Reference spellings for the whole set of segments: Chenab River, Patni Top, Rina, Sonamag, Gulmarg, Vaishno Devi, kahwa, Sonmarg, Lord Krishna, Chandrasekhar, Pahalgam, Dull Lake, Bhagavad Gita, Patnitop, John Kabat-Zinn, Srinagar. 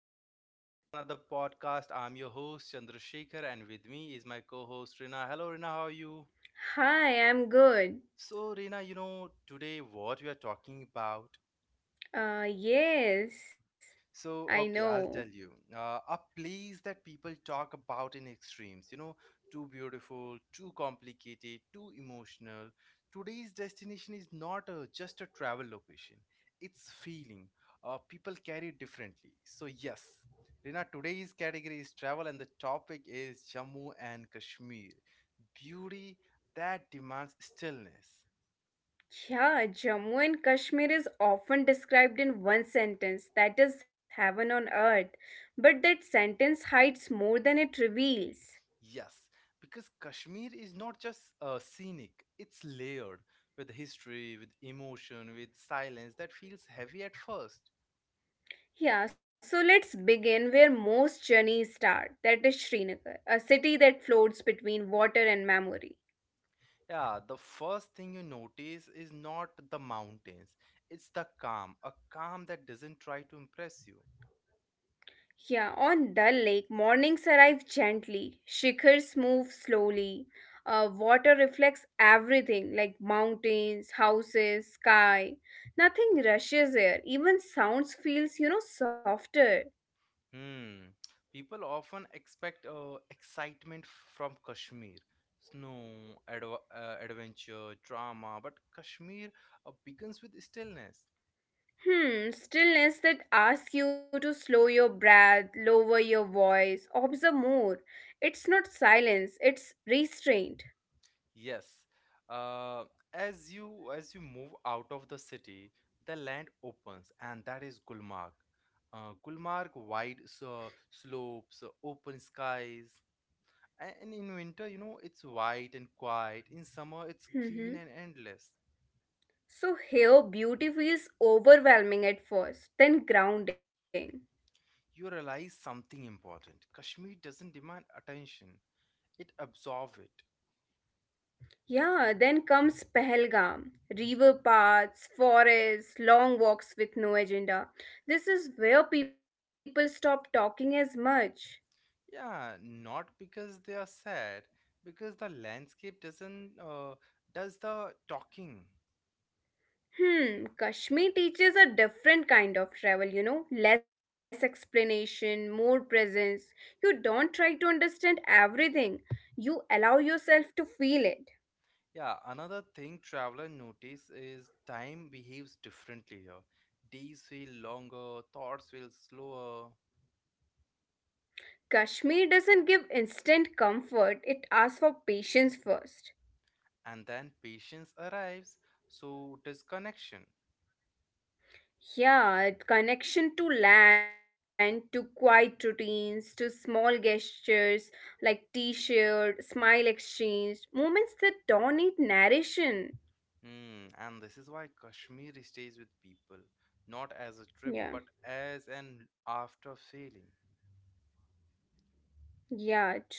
Welcome back to another podcast. I'm your host, Chandrasekhar, and with me is my co host, Rina. Hello, Rina, how are you? Hi, I'm good. So, Rina, today what we are talking about. Uh, yes, I So, okay, know. I'll tell you. A place that people talk about in extremes, too beautiful, too complicated, too emotional. Today's destination is not just a travel location, it's feeling. People carry it differently. So, yes, Rina, today's category is travel, and the topic is Jammu and Kashmir. Beauty that demands stillness. Yeah, Jammu and Kashmir is often described in one sentence that is heaven on earth, but that sentence hides more than it reveals. Yes, because Kashmir is not just scenic, it's layered with history, with emotion, with silence that feels heavy at first. Yeah, so let's begin where most journeys start that is Srinagar, a city that floats between water and memory. Yeah, the first thing you notice is not the mountains, it's the calm, a calm that doesn't try to impress you. Yeah, on Dull Lake, mornings arrive gently, shikhars move slowly, water reflects everything like mountains, houses, sky. Nothing rushes here, even sounds feels, softer. Hmm, people often expect excitement from Kashmir. Snow, adventure, drama, but Kashmir begins with stillness. Hmm, stillness that asks you to slow your breath, lower your voice, observe more. It's not silence, it's restraint. Yes. Uh, as you move out of the city, the land opens, and that is Gulmarg. Gulmarg, wide slopes, open skies, and in winter, it's white and quiet. In summer, it's Hmm, green and endless. so here, beauty feels overwhelming at first, then grounding. You realize something important. Kashmir doesn't demand attention; it absorbs it. Yeah, then comes Pahalgam, river paths, forests, long walks with no agenda. This is where people stop talking as much. Yeah, not because they are sad, because the landscape doesn't does the talking. Hmm, Kashmir teaches a different kind of travel, less explanation, more presence. You don't try to understand everything, you allow yourself to feel it. Yeah, another thing traveler notice is time behaves differently here. Days feel longer, thoughts feel slower, Kashmir doesn't give instant comfort, it asks for patience first. and then patience arrives, so disconnection. Yeah, connection to land, to quiet routines, to small gestures like t shirt, smile exchange, moments that don't need narration. Hmm, and this is why Kashmir stays with people, not as a trip but Yeah, as an after feeling. yeah, true.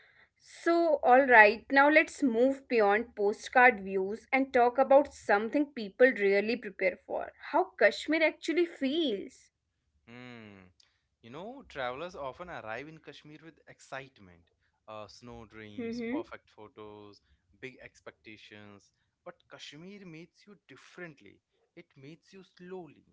So, alright, now let's move beyond postcard views and talk about something people really prepare for how Kashmir actually feels. Hmm. You know, travelers often arrive in Kashmir with excitement, snow dreams, Mm-hmm. perfect photos, big expectations. But Kashmir meets you differently. It meets you slowly.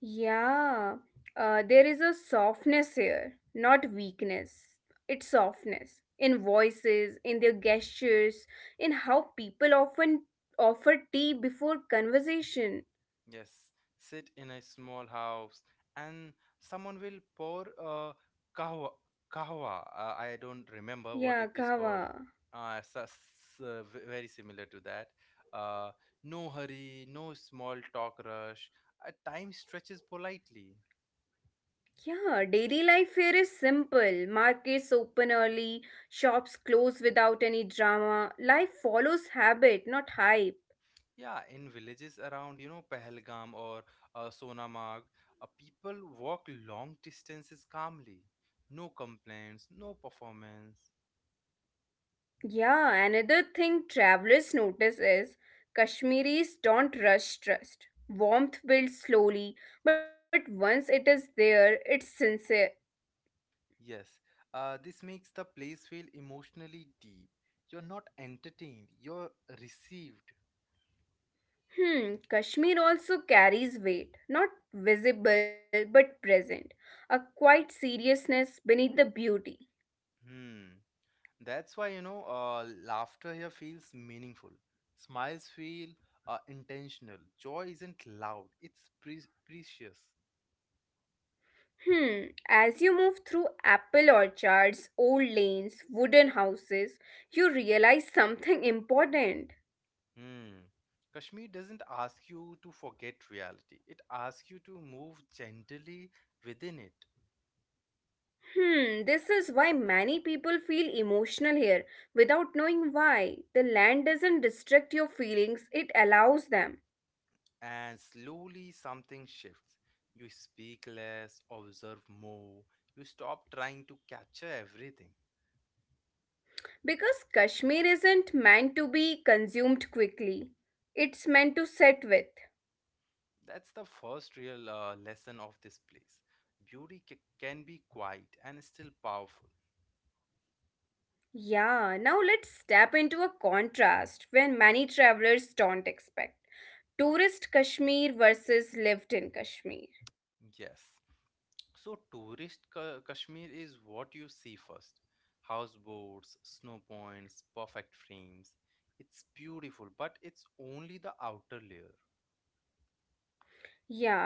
Yeah, there is a softness here, not weakness. It's softness in voices, in their gestures, in how people often offer tea before conversation. Yes, sit in a small house and someone will pour a kahwa, kahwa. I don't remember what it is Yeah, called. kawa. Very similar to that. Uh, no hurry, no small talk rush. Time stretches politely. Yeah, daily life here is simple. Markets open early, shops close without any drama. Life follows habit, not hype. Yeah, in villages around, Pahalgam or Sonamag, people walk long distances calmly. No complaints, no performance. Yeah, another thing travelers notice is Kashmiris don't rush trust. Warmth builds slowly, but once it is there, it's sincere. Yes, this makes the place feel emotionally deep. You're not entertained, you're received. Hmm, Kashmir also carries weight, not visible but present, a quiet seriousness beneath the beauty. Hmm. That's why, laughter here feels meaningful. Smiles feel intentional. Joy isn't loud, it's precious. Hmm, as you move through apple orchards, old lanes, wooden houses, you realize something important. Hmm. Kashmir doesn't ask you to forget reality, it asks you to move gently within it. Hmm, this is why many people feel emotional here without knowing why. The land doesn't restrict your feelings, it allows them. And slowly something shifts. You speak less, observe more, you stop trying to capture everything. Because Kashmir isn't meant to be consumed quickly, it's meant to sit with. That's the first real lesson of this place. Beauty can be quiet and still powerful. Yeah, now let's step into a contrast when many travelers don't expect. Tourist Kashmir versus lived in Kashmir. Yes. So, Kashmir is what you see first: houseboats, snow points, perfect frames. It's beautiful, but it's only the outer layer.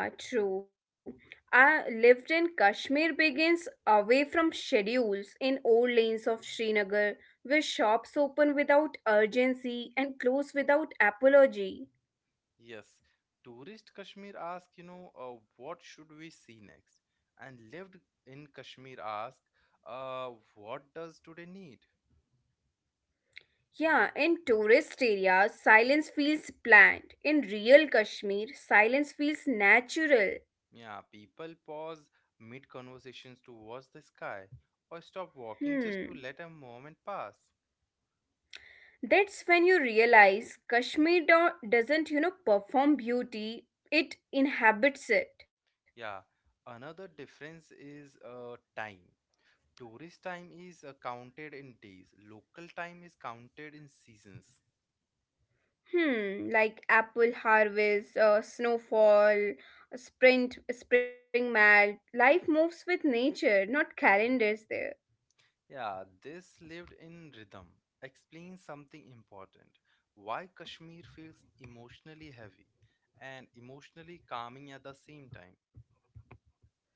Yeah, true. I lived in Kashmir begins away from schedules in old lanes of Srinagar where shops open without urgency and close without apology. Yes, tourist Kashmir ask, what should we see next? And lived in Kashmir ask, what does today need? Yeah, in tourist areas, silence feels planned. In real Kashmir, silence feels natural. Yeah, people pause mid conversations to watch the sky or stop walking just to Hmm. let a moment pass. That's when you realize Kashmir doesn't, perform beauty, it inhabits it. Yeah, another difference is time. Tourist time is counted in days, local time is counted in seasons. Hmm, like apple harvest, snowfall, spring melt. Life moves with nature, not calendars there. Yeah, this lived in rhythm explains something important. Why Kashmir feels emotionally heavy and emotionally calming at the same time.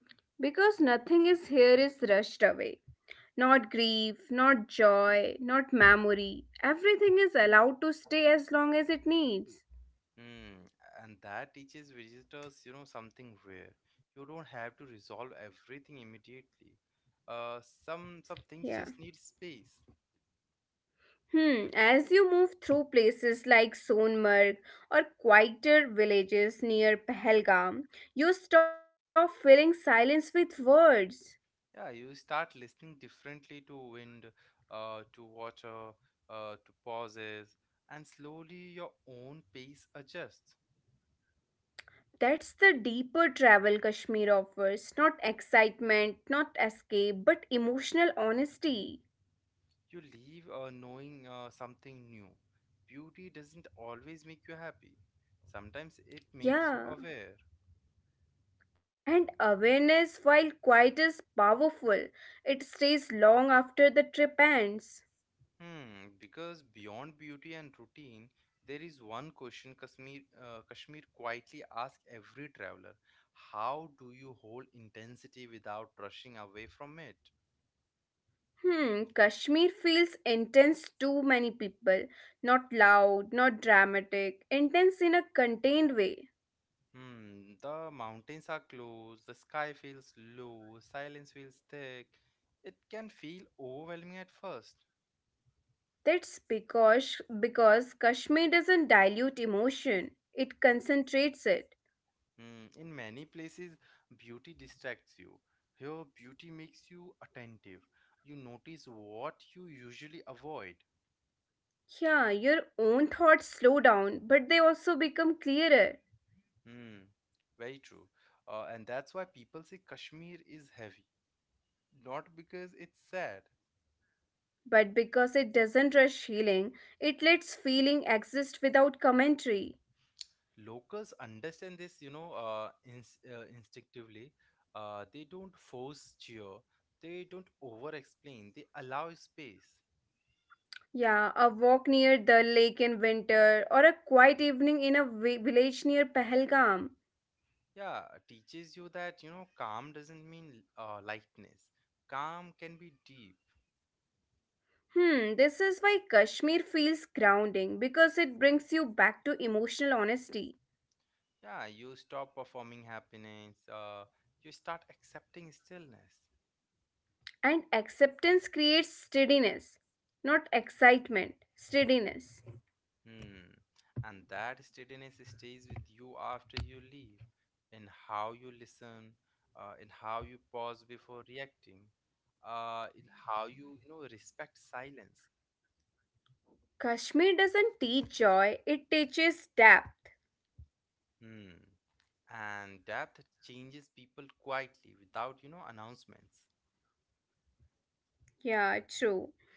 Because nothing is here is rushed away. Not grief, not joy, not memory. Everything is allowed to stay as long as it needs. Hmm, and that teaches visitors, something rare. You don't have to resolve everything immediately. Uh, some Yeah. things just need space. Hmm, as you move through places like Sonmarg or quieter villages near Pahalgam, you stop filling silence with words. Yeah, you start listening differently to wind, to water, to pauses, and slowly your own pace adjusts. That's the deeper travel Kashmir offers. Not excitement, not escape, but emotional honesty. You leave knowing something new. Beauty doesn't always make you happy. Sometimes it makes you Yeah. aware. And awareness, while quiet, is powerful. It stays long after the trip ends. Hmm, because beyond beauty and routine, there is one question Kashmir, Kashmir quietly asks every traveler: how do you hold intensity without rushing away from it? Hmm, Kashmir feels intense to many people. Not loud, not dramatic, intense in a contained way. Hmm, the mountains are close, the sky feels low, silence feels thick. It can feel overwhelming at first. That's because Kashmir doesn't dilute emotion. It concentrates it. Hmm, in many places, beauty distracts you. Here, beauty makes you attentive. You notice what you usually avoid. Yeah, your own thoughts slow down, but they also become clearer. Hmm. Very true. And that's why people say Kashmir is heavy, not because it's sad. But because it doesn't rush healing, it lets feeling exist without commentary. Locals understand this, instinctively. They don't force cheer, they don't over explain, they allow space. Yeah, a walk near the lake in winter or a quiet evening in a village near Pahalgam. Yeah, teaches you that, calm doesn't mean lightness. Calm can be deep. Hmm, this is why Kashmir feels grounding because it brings you back to emotional honesty. Yeah, you stop performing happiness, you start accepting stillness. And acceptance creates steadiness, not excitement, steadiness. Hmm. And that steadiness stays with you after you leave, in how you listen, in how you pause before reacting, in how you, respect silence. Kashmir doesn't teach joy, it teaches depth. Hmm. And depth changes people quietly without, announcements. Yeah, true.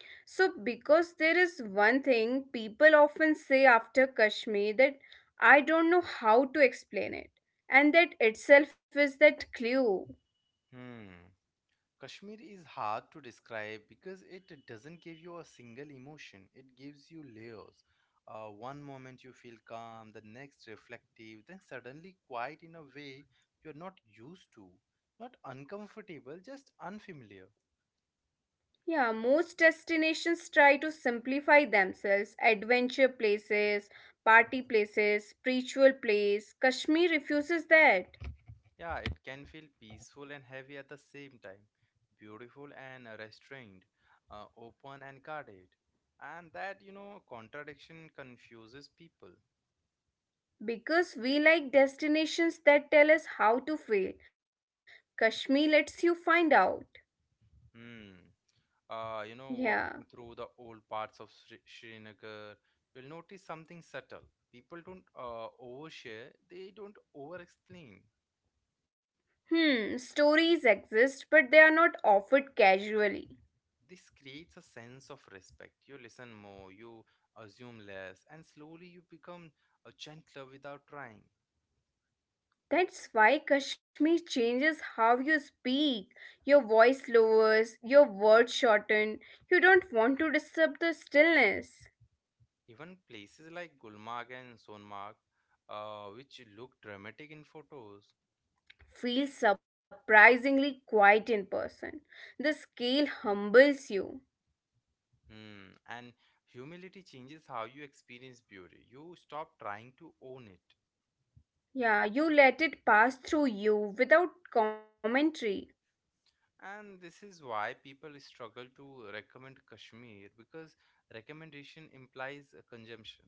So, because there is one thing people often say after Kashmir that I don't know how to explain it, and that itself is that clue. Hmm. Kashmir is hard to describe because it doesn't give you a single emotion. It gives you layers. One moment you feel calm, the next reflective, then suddenly quiet in a way you're not used to. Not uncomfortable, just unfamiliar. Yeah, most destinations try to simplify themselves adventure places, party places, spiritual place. Kashmir refuses that. Yeah, it can feel peaceful and heavy at the same time, beautiful and restrained, open and guarded. And that, contradiction confuses people. Because we like destinations that tell us how to feel. Kashmir lets you find out. Hmm. Yeah. Walking through the old parts of Srinagar, you'll notice something subtle. People don't overshare, they don't over explain. Hmm, stories exist, but they are not offered casually. This creates a sense of respect. You listen more, you assume less, and slowly you become a gentler without trying. That's why Kashmir changes how you speak. Your voice lowers, your words shorten. You don't want to disturb the stillness. Even places like Gulmarg and Sonmarg, which look dramatic in photos, Feel surprisingly quiet in person. The scale humbles you. hmm, and humility changes how you experience beauty. You stop trying to own it. Yeah, you let it pass through you without commentary. And this is why people struggle to recommend Kashmir because recommendation implies a consumption.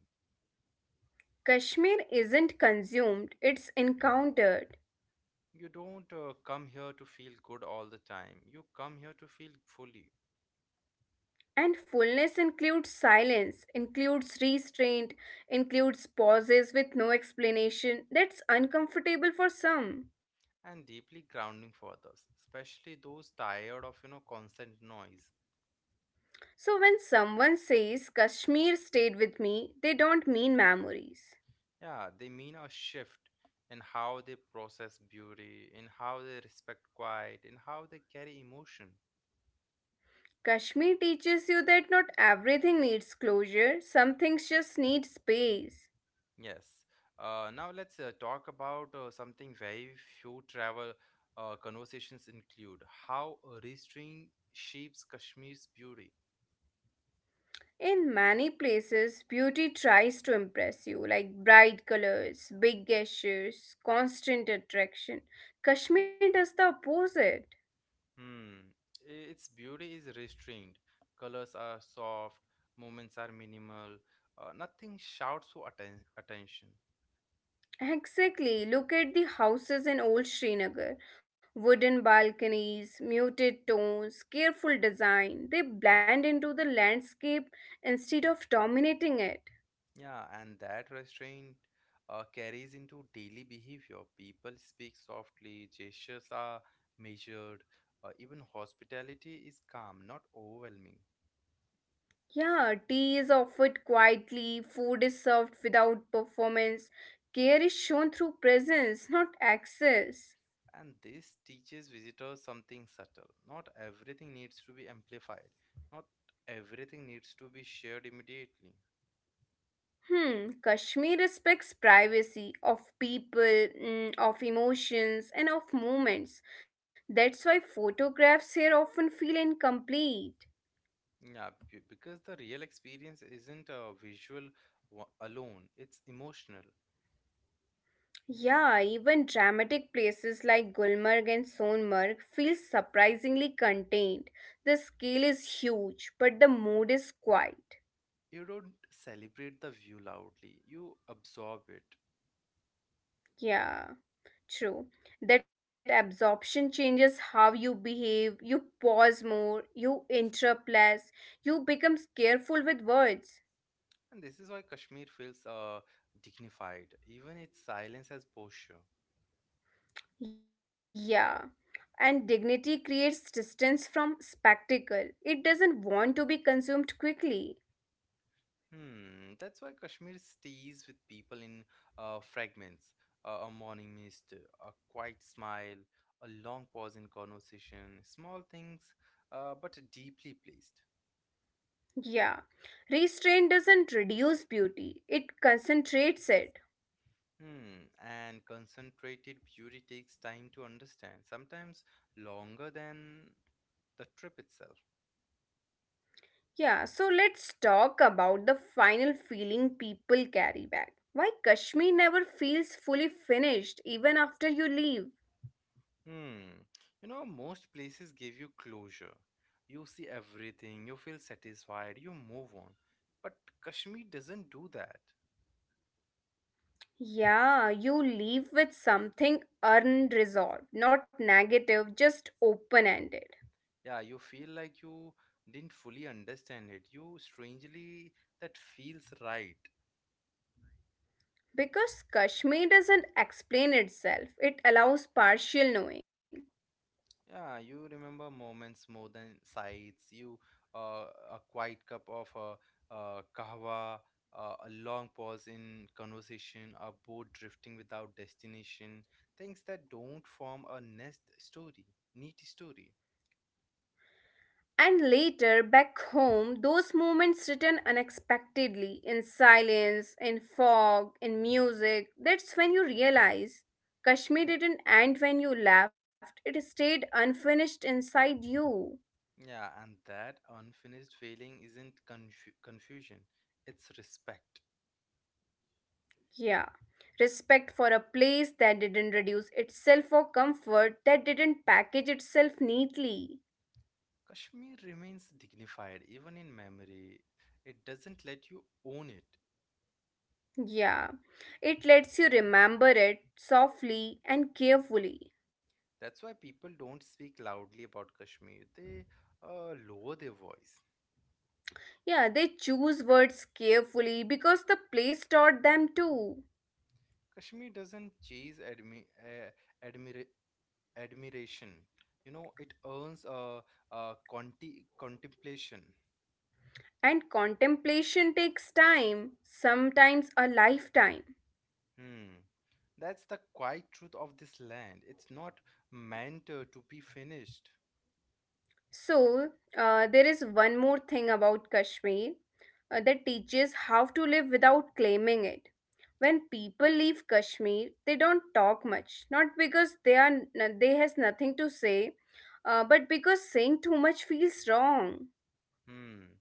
Kashmir isn't consumed, it's encountered. You don't come here to feel good all the time, you come here to feel fully And fullness includes silence, includes restraint, includes pauses with no explanation. That's uncomfortable for some. and deeply grounding for others, especially those tired of constant noise. So when someone says Kashmir stayed with me, they don't mean memories. Yeah, they mean a shift in how they process beauty, in how they respect quiet, in how they carry emotion. Kashmir teaches you that not everything needs closure, some things just need space. Yes. Now let's talk about something very few travel conversations include: how a restraint shapes Kashmir's beauty. In many places, beauty tries to impress you, like bright colors, big gestures, constant attraction. Kashmir does the opposite. Hmm. Its beauty is restrained. Colors are soft, movements are minimal. Nothing shouts for attention. Exactly. Look at the houses in old Srinagar. Wooden balconies, muted tones, careful design. They blend into the landscape instead of dominating it. Yeah, and that restraint carries into daily behavior. People speak softly, gestures are measured, even hospitality is calm, not overwhelming. Yeah, tea is offered quietly, food is served without performance, care is shown through presence, not access. And this teaches visitors something subtle. Not everything needs to be amplified, not everything needs to be shared immediately. Hmm, Kashmir respects privacy of people, mm, of emotions, and of moments. That's why photographs here often feel incomplete. Yeah, because the real experience isn't a visual alone, it's emotional. Yeah, even dramatic places like Gulmarg and Sonmarg feel surprisingly contained. The scale is huge, but the mood is quiet. You don't celebrate the view loudly, you absorb it. Yeah. True. That absorption changes how you behave, you pause more, you interrupt less, you become careful with words. And this is why Kashmir feels dignified, even its silence has posture. Yeah. And dignity creates distance from spectacle. It doesn't want to be consumed quickly. Hmm, that's why Kashmir stays with people in fragments: a morning mist, a quiet smile, a long pause in conversation, small things, but deeply placed. Yeah. Restraint doesn't reduce beauty, it concentrates it. Hmm, and concentrated beauty takes time to understand, sometimes longer than the trip itself. Yeah, so let's talk about the final feeling people carry back. Why Kashmir never feels fully finished even after you leave. Hmm. You know, most places give you closure. You see everything, you feel satisfied, you move on. But Kashmir doesn't do that. Yeah, you leave with something unresolved, not negative, just open ended. Yeah, you feel like you didn't fully understand it. You strangely, that feels right. Because Kashmir doesn't explain itself, it allows partial knowing. Yeah, you remember moments more than sights. Uh, a quiet cup of kahwa, a long pause in conversation, a boat drifting without destination. Things that don't form a neat story. And later, back home, those moments return unexpectedly in silence, in fog, in music. That's when you realize Yeah. Kashmir didn't end when you left, it stayed unfinished inside you. Yeah, and that unfinished feeling isn't confusion, it's respect. Yeah. Respect for a place that didn't reduce itself for comfort, that didn't package itself neatly. Kashmir remains dignified even in memory. It doesn't let you own it. Yeah. It lets you remember it softly and carefully. That's why people don't speak loudly about Kashmir. They lower their voice. Yeah, they choose words carefully because the place taught them to. Kashmir doesn't chase admira- admiration. You know, it earns contemplation. And contemplation takes time, sometimes a lifetime. Hmm. That's the quiet truth of this land. It's not meant to be finished. So, there is one more thing about Kashmir that teaches how to live without claiming it. When people leave Kashmir, they don't talk much, not because they are they has nothing to say, but because saying too much feels wrong. Hmm.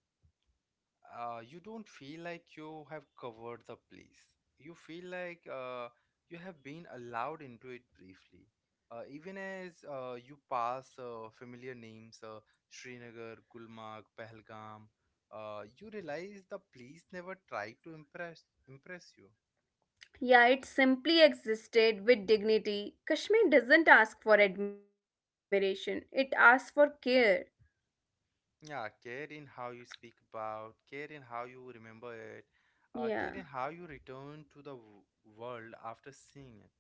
You don't feel like you have covered the place. You feel like you have been allowed into it briefly. Even as you pass familiar names, Srinagar, Gulmarg, Pahalgam, you realize the place never tried to impress you. Yeah, it simply existed with dignity. Kashmir doesn't ask for admiration, it asks for care. Yeah, care in how you speak about, care in how you remember it, care Yeah, in how you return to the world after seeing it.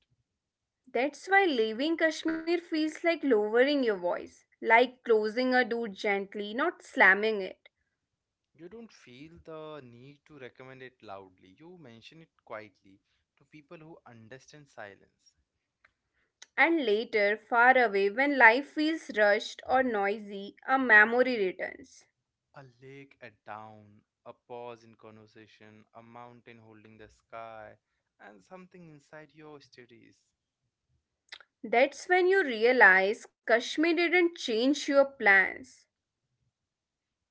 that's why leaving Kashmir feels like lowering your voice, like closing a door gently, not slamming it. You don't feel the need to recommend it loudly. You mention it quietly to people who understand silence. And later, far away, when life feels rushed or noisy, a memory returns. A lake at dawn, a pause in conversation, a mountain holding the sky, and something inside your studies. That's when you realize Kashmir didn't change your plans.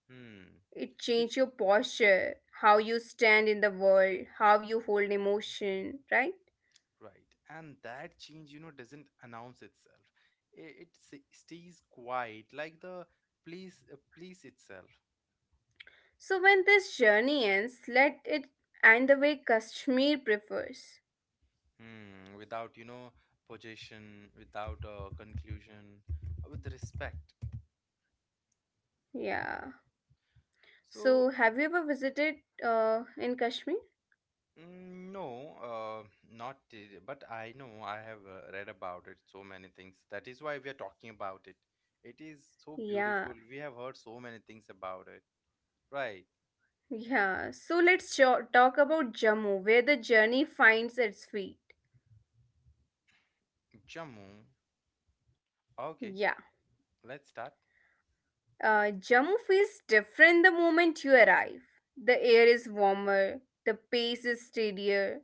Hmm, It it changes your posture, how you stand in the world, how you hold emotion, right? right. And that change, doesn't announce itself. It stays quiet, like the place itself. So when this journey ends, let it end the way Kashmir prefers. Hmm, without, possession, without a conclusion, with respect. Yeah. So So, have you ever visited in Kashmir? mm, no, not, but I know I have read about it so many things. That is why we are talking about it. It is so Yeah. beautiful. We have heard so many things about it. Right. Yeah. So let's talk about Jammu, where the journey finds its feet. Jammu. Yeah. Okay, let's start. Jammu feels different the moment you arrive. The air is warmer, the pace is steadier,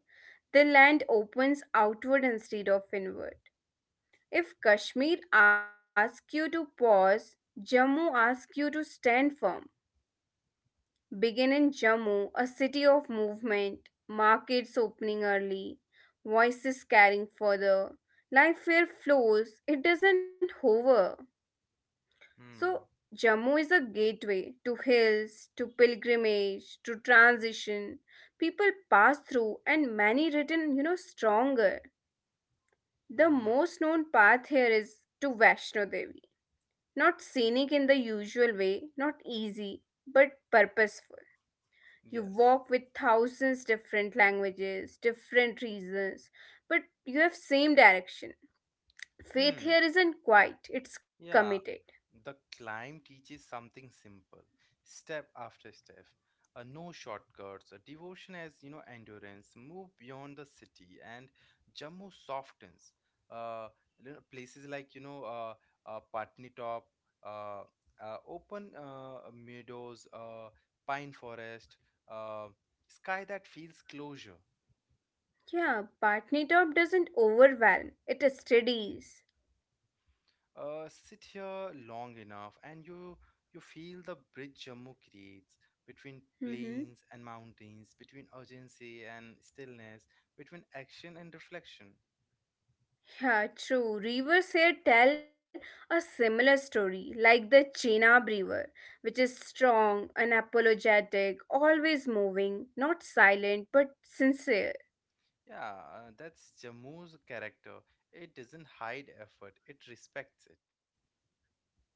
the land opens outward instead of inward. If Kashmir asks you to pause, Jammu asks you to stand firm. Begin in Jammu, a city of movement, markets opening early, voices carrying further. Life here flows, it doesn't hover. So, Hmm. Jammu is a gateway to hills, to pilgrimage, to transition. People pass through, and many written, you know, stronger. The Mm-hmm. most known path here is to Vaishno Devi. Not scenic in the usual way, not easy, but purposeful. You Yes. walk with thousands different languages, different reasons, but you have same direction. Faith Hmm. here isn't quiet, it's committed. Yeah, the climb teaches something simple, step after step. No shortcuts, a devotion as you know, endurance. Move beyond the city, and Jammu softens. Uh, you know, places like you know, Patnitop, uh, open meadows, pine forest, uh, sky that feels closure. Yeah, Patni Top doesn't overwhelm, it steadies. Sit here long enough and you feel the bridge Jammu creates between Mm-hmm. plains and mountains, between urgency and stillness, between action and reflection. Yeah, true. Rivers here tell a similar story, like the Chenab River, which is strong, unapologetic, always moving, not silent but sincere. Yeah, that's Jammu's character. It doesn't hide effort; it respects it.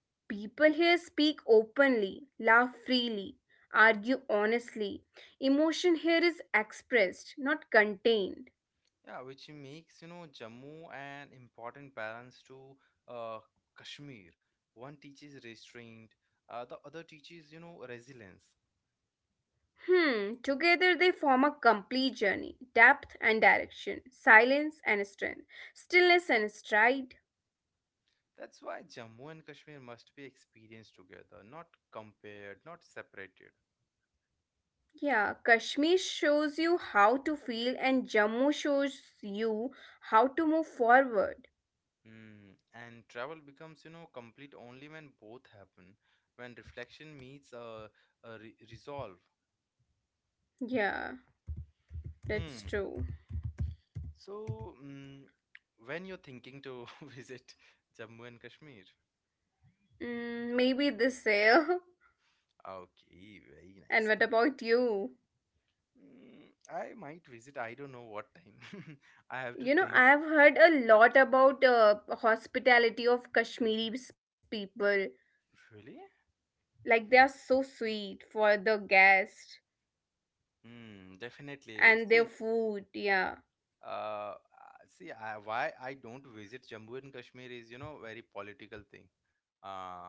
People here speak openly, laugh freely, argue honestly. Emotion here is expressed, not contained. Yeah, which makes you know Jammu an important balance to uh, Kashmir. One teaches restraint, the other teaches you know resilience. Hmm, together they form a complete journey depth and direction, silence and strength, stillness and stride. That's why Jammu and Kashmir must be experienced together, not compared, not separated. Yeah, Kashmir shows you how to feel, and Jammu shows you how to move forward. Hmm. And travel becomes, you know, complete only when both happen, when reflection meets resolve. Yeah, that's Hmm. true. So, when you're thinking to visit Jammu and Kashmir? Mm, maybe this year. Okay, very And nice. what about you? Mm, I might visit, I don't know what time. I have to You know, think. I have heard a lot about hospitality of Kashmiri people. Really? Like they are so sweet for the guest. Hmm, definitely. And their See, food, yeah. See why I don't visit Jammu and Kashmir is, you know, very political thing uh,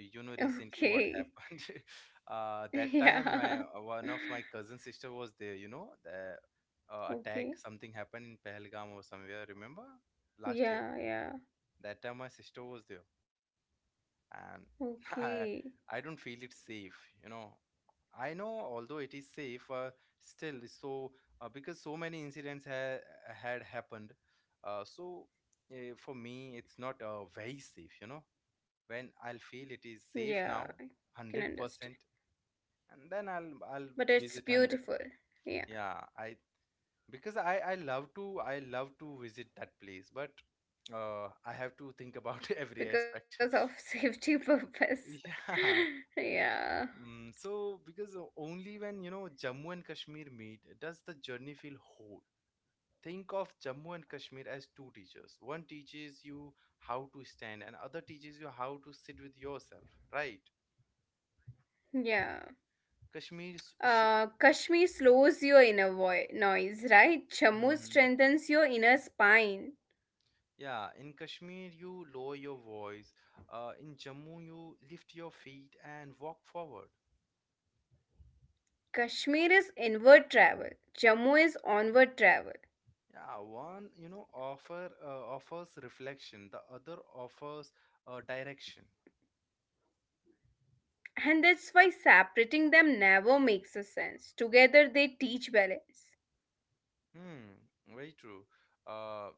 you know, recently Okay. what happened. That time Yeah. my one of my cousin sister was there, you know, the Okay. attack, something happened in Pahalgam or somewhere, remember, last year. Yeah, yeah. That time my sister was there, and I, Okay. I don't feel it's safe, you know. I know although it is safe, still, so because so many incidents had happened, so for me it's not very safe, you know. When I'll feel it is safe, now Yeah, I can understand. 100% and then I'll But visit it's 100. beautiful. Yeah, Yeah, I, because I love to, I love to visit that place, but I have to think about every aspect. because of safety purpose. Yeah. Yeah. So, because only when, you know, Jammu and Kashmir meet does the journey feel whole. Think of Jammu and Kashmir as two teachers. One teaches you how to stand, and other teaches you how to sit with yourself. Right? Yeah. Kashmir s- should. Kashmir slows your inner noise, right? Jammu Mhm. strengthens your inner spine. Yeah, in Kashmir you lower your voice. In Jammu you lift your feet and walk forward. Kashmir is inward travel. Jammu is onward travel. Yeah, one you know offers reflection. The other offers direction. And that's why separating them never makes a sense. Together they teach balance. Hmm, very true. Uh,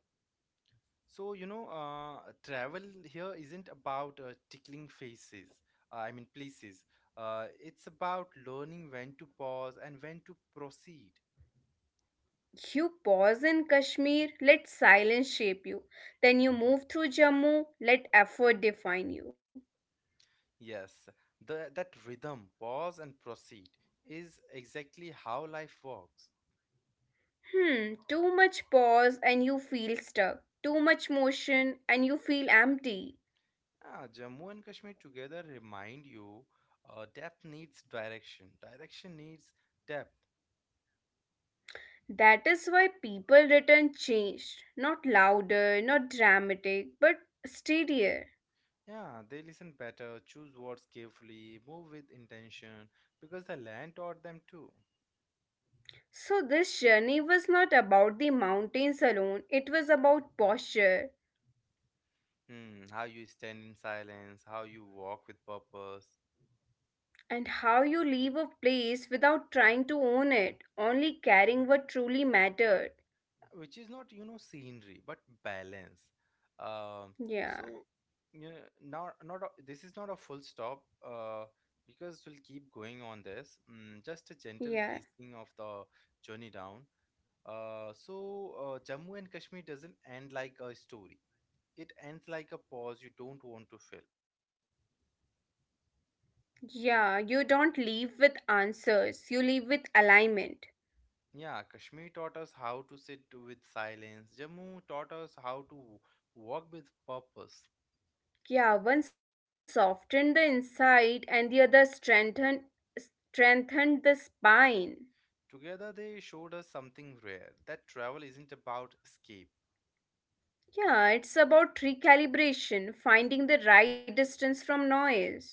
so you know, travel here isn't about tickling faces. I mean, places. It's about learning when to pause and when to proceed. You pause in Kashmir, let silence shape you. Then you move through Jammu, let effort define you. Yes, the that rhythm, pause and proceed, is exactly how life works. Hmm, too much pause and you feel stuck. Too much motion and you feel empty. Ah, Jammu and Kashmir together remind you, depth needs direction. Direction needs depth. That is why people return changed. Not louder, not dramatic, but steadier. Yeah, they listen better, choose words carefully, move with intention, because the land taught them too. So, this journey was not about the mountains alone, it was about posture Hmm, how you stand in silence, how you walk with purpose, and how you leave a place without trying to own it, only carrying what truly mattered. which is not, you know, scenery, but balance. Um, Yeah, so, you know, not a, this is not a full stop, because we'll keep going on this. Mm, just a gentle yeah, placing of the journey down. So, Jammu and Kashmir doesn't end like a story, it ends like a pause you don't want to fill. yeah. You don't leave with answers, you leave with alignment. Yeah, Kashmir taught us how to sit with silence. Jammu taught us how to walk with purpose. Yeah, one softened the inside and the other strengthened the spine. Together, they showed us something rare, that travel isn't about escape. Yeah, it's about recalibration, finding the right distance from noise.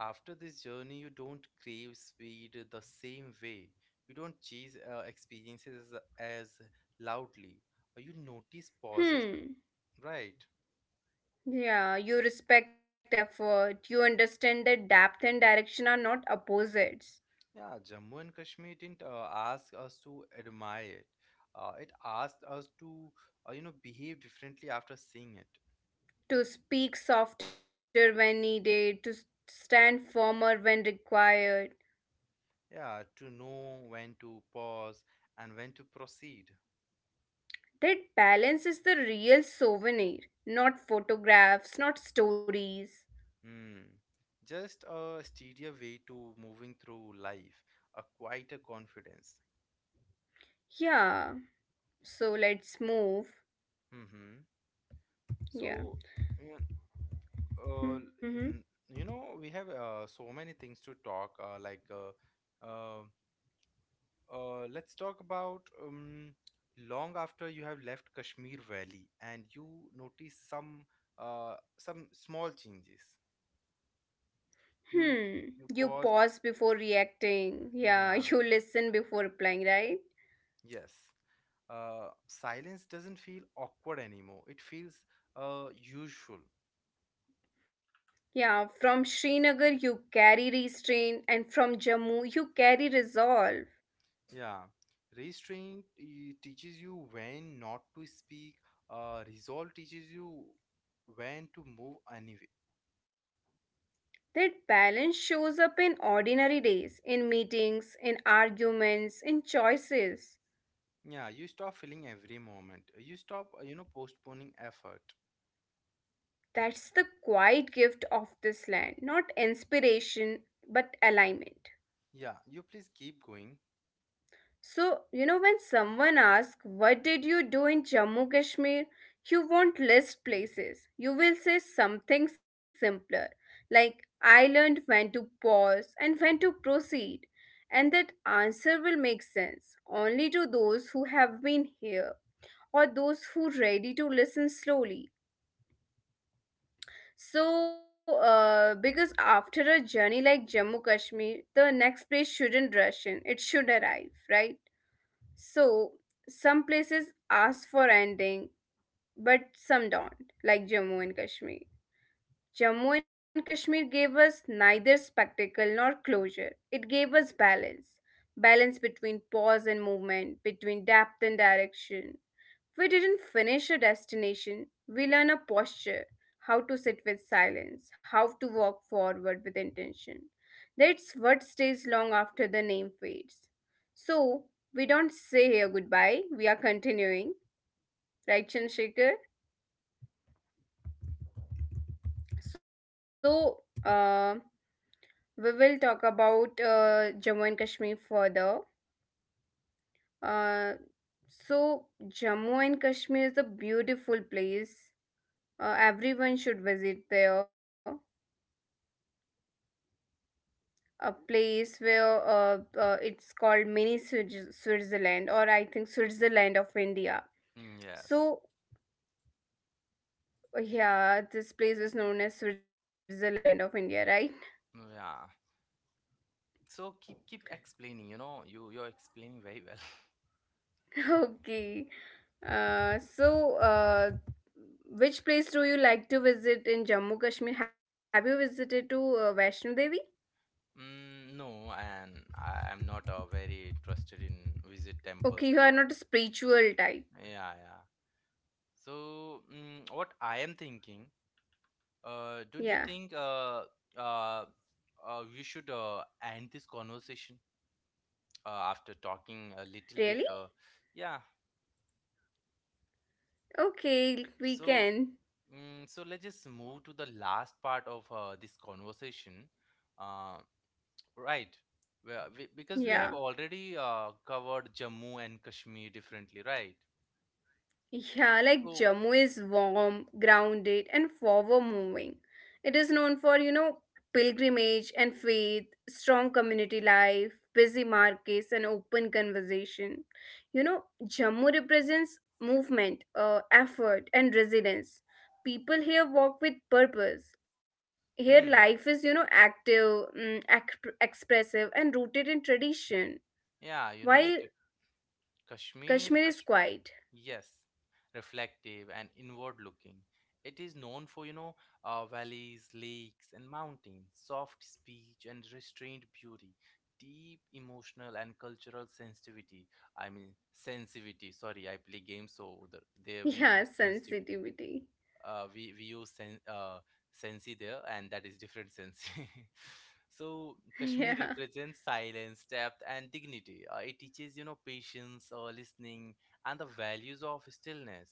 After this journey, you don't crave speed the same way. You don't chase experiences as loudly. You notice pauses, Hmm. right? Yeah, you respect effort. You understand that depth and direction are not opposites. Yeah, Jammu and Kashmir didn't ask us to admire it. It asked us to, you know, behave differently after seeing it. To speak softer when needed, to stand firmer when required. Yeah, to know when to pause and when to proceed. That balance is the real souvenir, not photographs, not stories. Hmm. Just a steadier way to moving through life, a quieter confidence. Yeah, so let's move. Mm-hmm. So, Yeah. you know, Hmm. mm, you know, we have so many things to talk, uh, let's talk about long after you have left Kashmir Valley and you notice some small changes. You Hmm. you You pause. pause before reacting. Yeah, Yeah. you listen before replying, right? Yes. Silence doesn't feel awkward anymore. It feels usual. Yeah, from Srinagar you carry restraint, and from Jammu you carry resolve. Yeah. Restraint, teaches you when not to speak. Resolve teaches you when to move anyway. That balance shows up in ordinary days, in meetings, in arguments, in choices. Yeah, you stop feeling every moment. You stop, you know, postponing effort. That's the quiet gift of this land, not inspiration, but alignment. Yeah, you please keep going. So, you know, when someone asks, What did you do in Jammu Kashmir? You won't list places. You will say something simpler, like, I learned when to pause and when to proceed. And that answer will make sense only to those who have been here or those who are ready to listen slowly. So, because after a journey like Jammu Kashmir, the next place shouldn't rush in, it should arrive, right? So, some places ask for ending, but some don't, like Jammu and Kashmir. Jammu and Kashmir gave us neither spectacle nor closure. It gave us balance. Balance between pause and movement, between depth and direction. We didn't finish a destination, we learn a posture, how to sit with silence, how to walk forward with intention. That's what stays long after the name fades. So, we don't say here goodbye, we are continuing, right, Chandrasekhar? So, we will talk about Jammu and Kashmir further. Uh, so, Jammu and Kashmir is a beautiful place. Everyone should visit there. A place where it's called mini Switzerland, or I think Switzerland of India. Mm, yes. So, yeah, this place is known as Switzerland of India, right? Mm, yeah. So keep explaining, you know, you're explaining very well. Okay. So, which place do you like to visit in Jammu Kashmir? Have you visited to Vaishno Devi? Mm, no, and I am not very interested in visit Okay, temples you and are all. not a spiritual type. Yeah, yeah. So mm, what I am thinking, don't you Yeah. think uh, we should end this conversation after talking a little bit? Really? Yeah. Okay, we So can. mm, so let's just move to the last part of this conversation. Uh, right. Well, we, because we have Yeah. already covered Jammu and Kashmir differently, right? Yeah, like So, Jammu is warm, grounded, and forward moving. It is known for, you know, pilgrimage and faith, strong community life, busy markets, and open conversation. You know, Jammu represents movement, effort, and resilience. People here walk with purpose. Here, hmm, life is, you know, active, mm, expressive, and rooted in tradition, yeah, you know, while Ka- Kashmir, Kashmir is Kash quiet. Yes, reflective and inward looking. It is known for, you know, valleys, lakes, and mountains, soft speech and restrained beauty, deep emotional and cultural sensitivity. I mean, sensitivity. Sorry, I play games, so there we Yeah, use sensitivity, sensitivity. uh, we we use sen- uh, sensi there, and that is different sensi. So Yeah. Kashmir represents silence, depth, and dignity. It teaches you know patience, listening, and the values of stillness.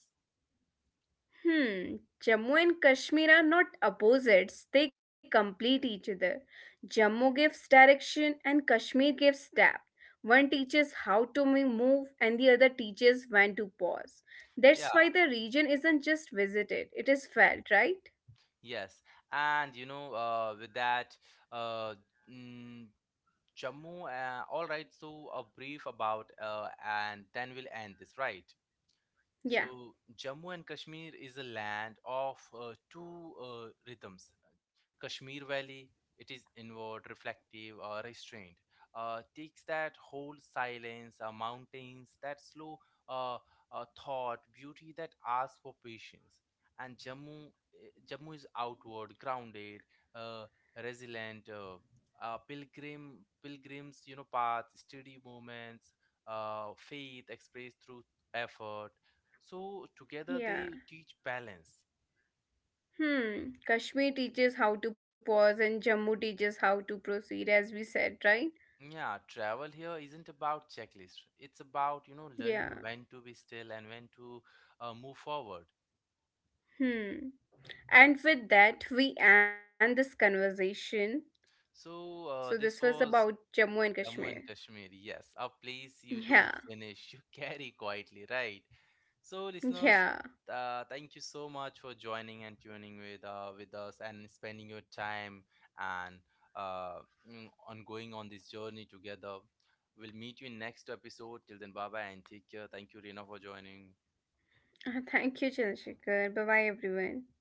Hmm, Jammu and Kashmir are not opposites, they complete each other. Jammu gives direction and Kashmir gives depth. One teaches how to move and the other teaches when to pause. Yeah, That's why the region isn't just visited, it is felt, right? yes, and you know with that, uh, mm, Jammu. All right, so a brief about and then we'll end this, right? Yeah. So Jammu and Kashmir is a land of two rhythms. Kashmir Valley, it is inward, reflective, or restrained. Takes that whole silence, mountains, that slow uh, thought, beauty that asks for patience. And Jammu, Jammu is outward, grounded, uh, resilient. Uh, pilgrim, pilgrims, you know, paths, steady movements, faith expressed through effort, so together Yeah. they teach balance. Hmm, Kashmir teaches how to pause and Jammu teaches how to proceed, as we said, right? Yeah, travel here isn't about checklist. It's about, you know, learning Yeah. when to be still and when to move forward. Hmm. And with that, we end this conversation. So So this was this about was Jammu and Kashmir. Jammu and Kashmir, yes, a place you Yeah, don't finish, you carry quietly, right? So, listeners, yeah. Thank you so much for joining and tuning with us and spending your time and uh, on going on this journey together. We'll meet you in next episode. Till then, bye bye and take care. Thank you, Reena, for joining. Thank you, Chandrasekhar. Bye bye, everyone.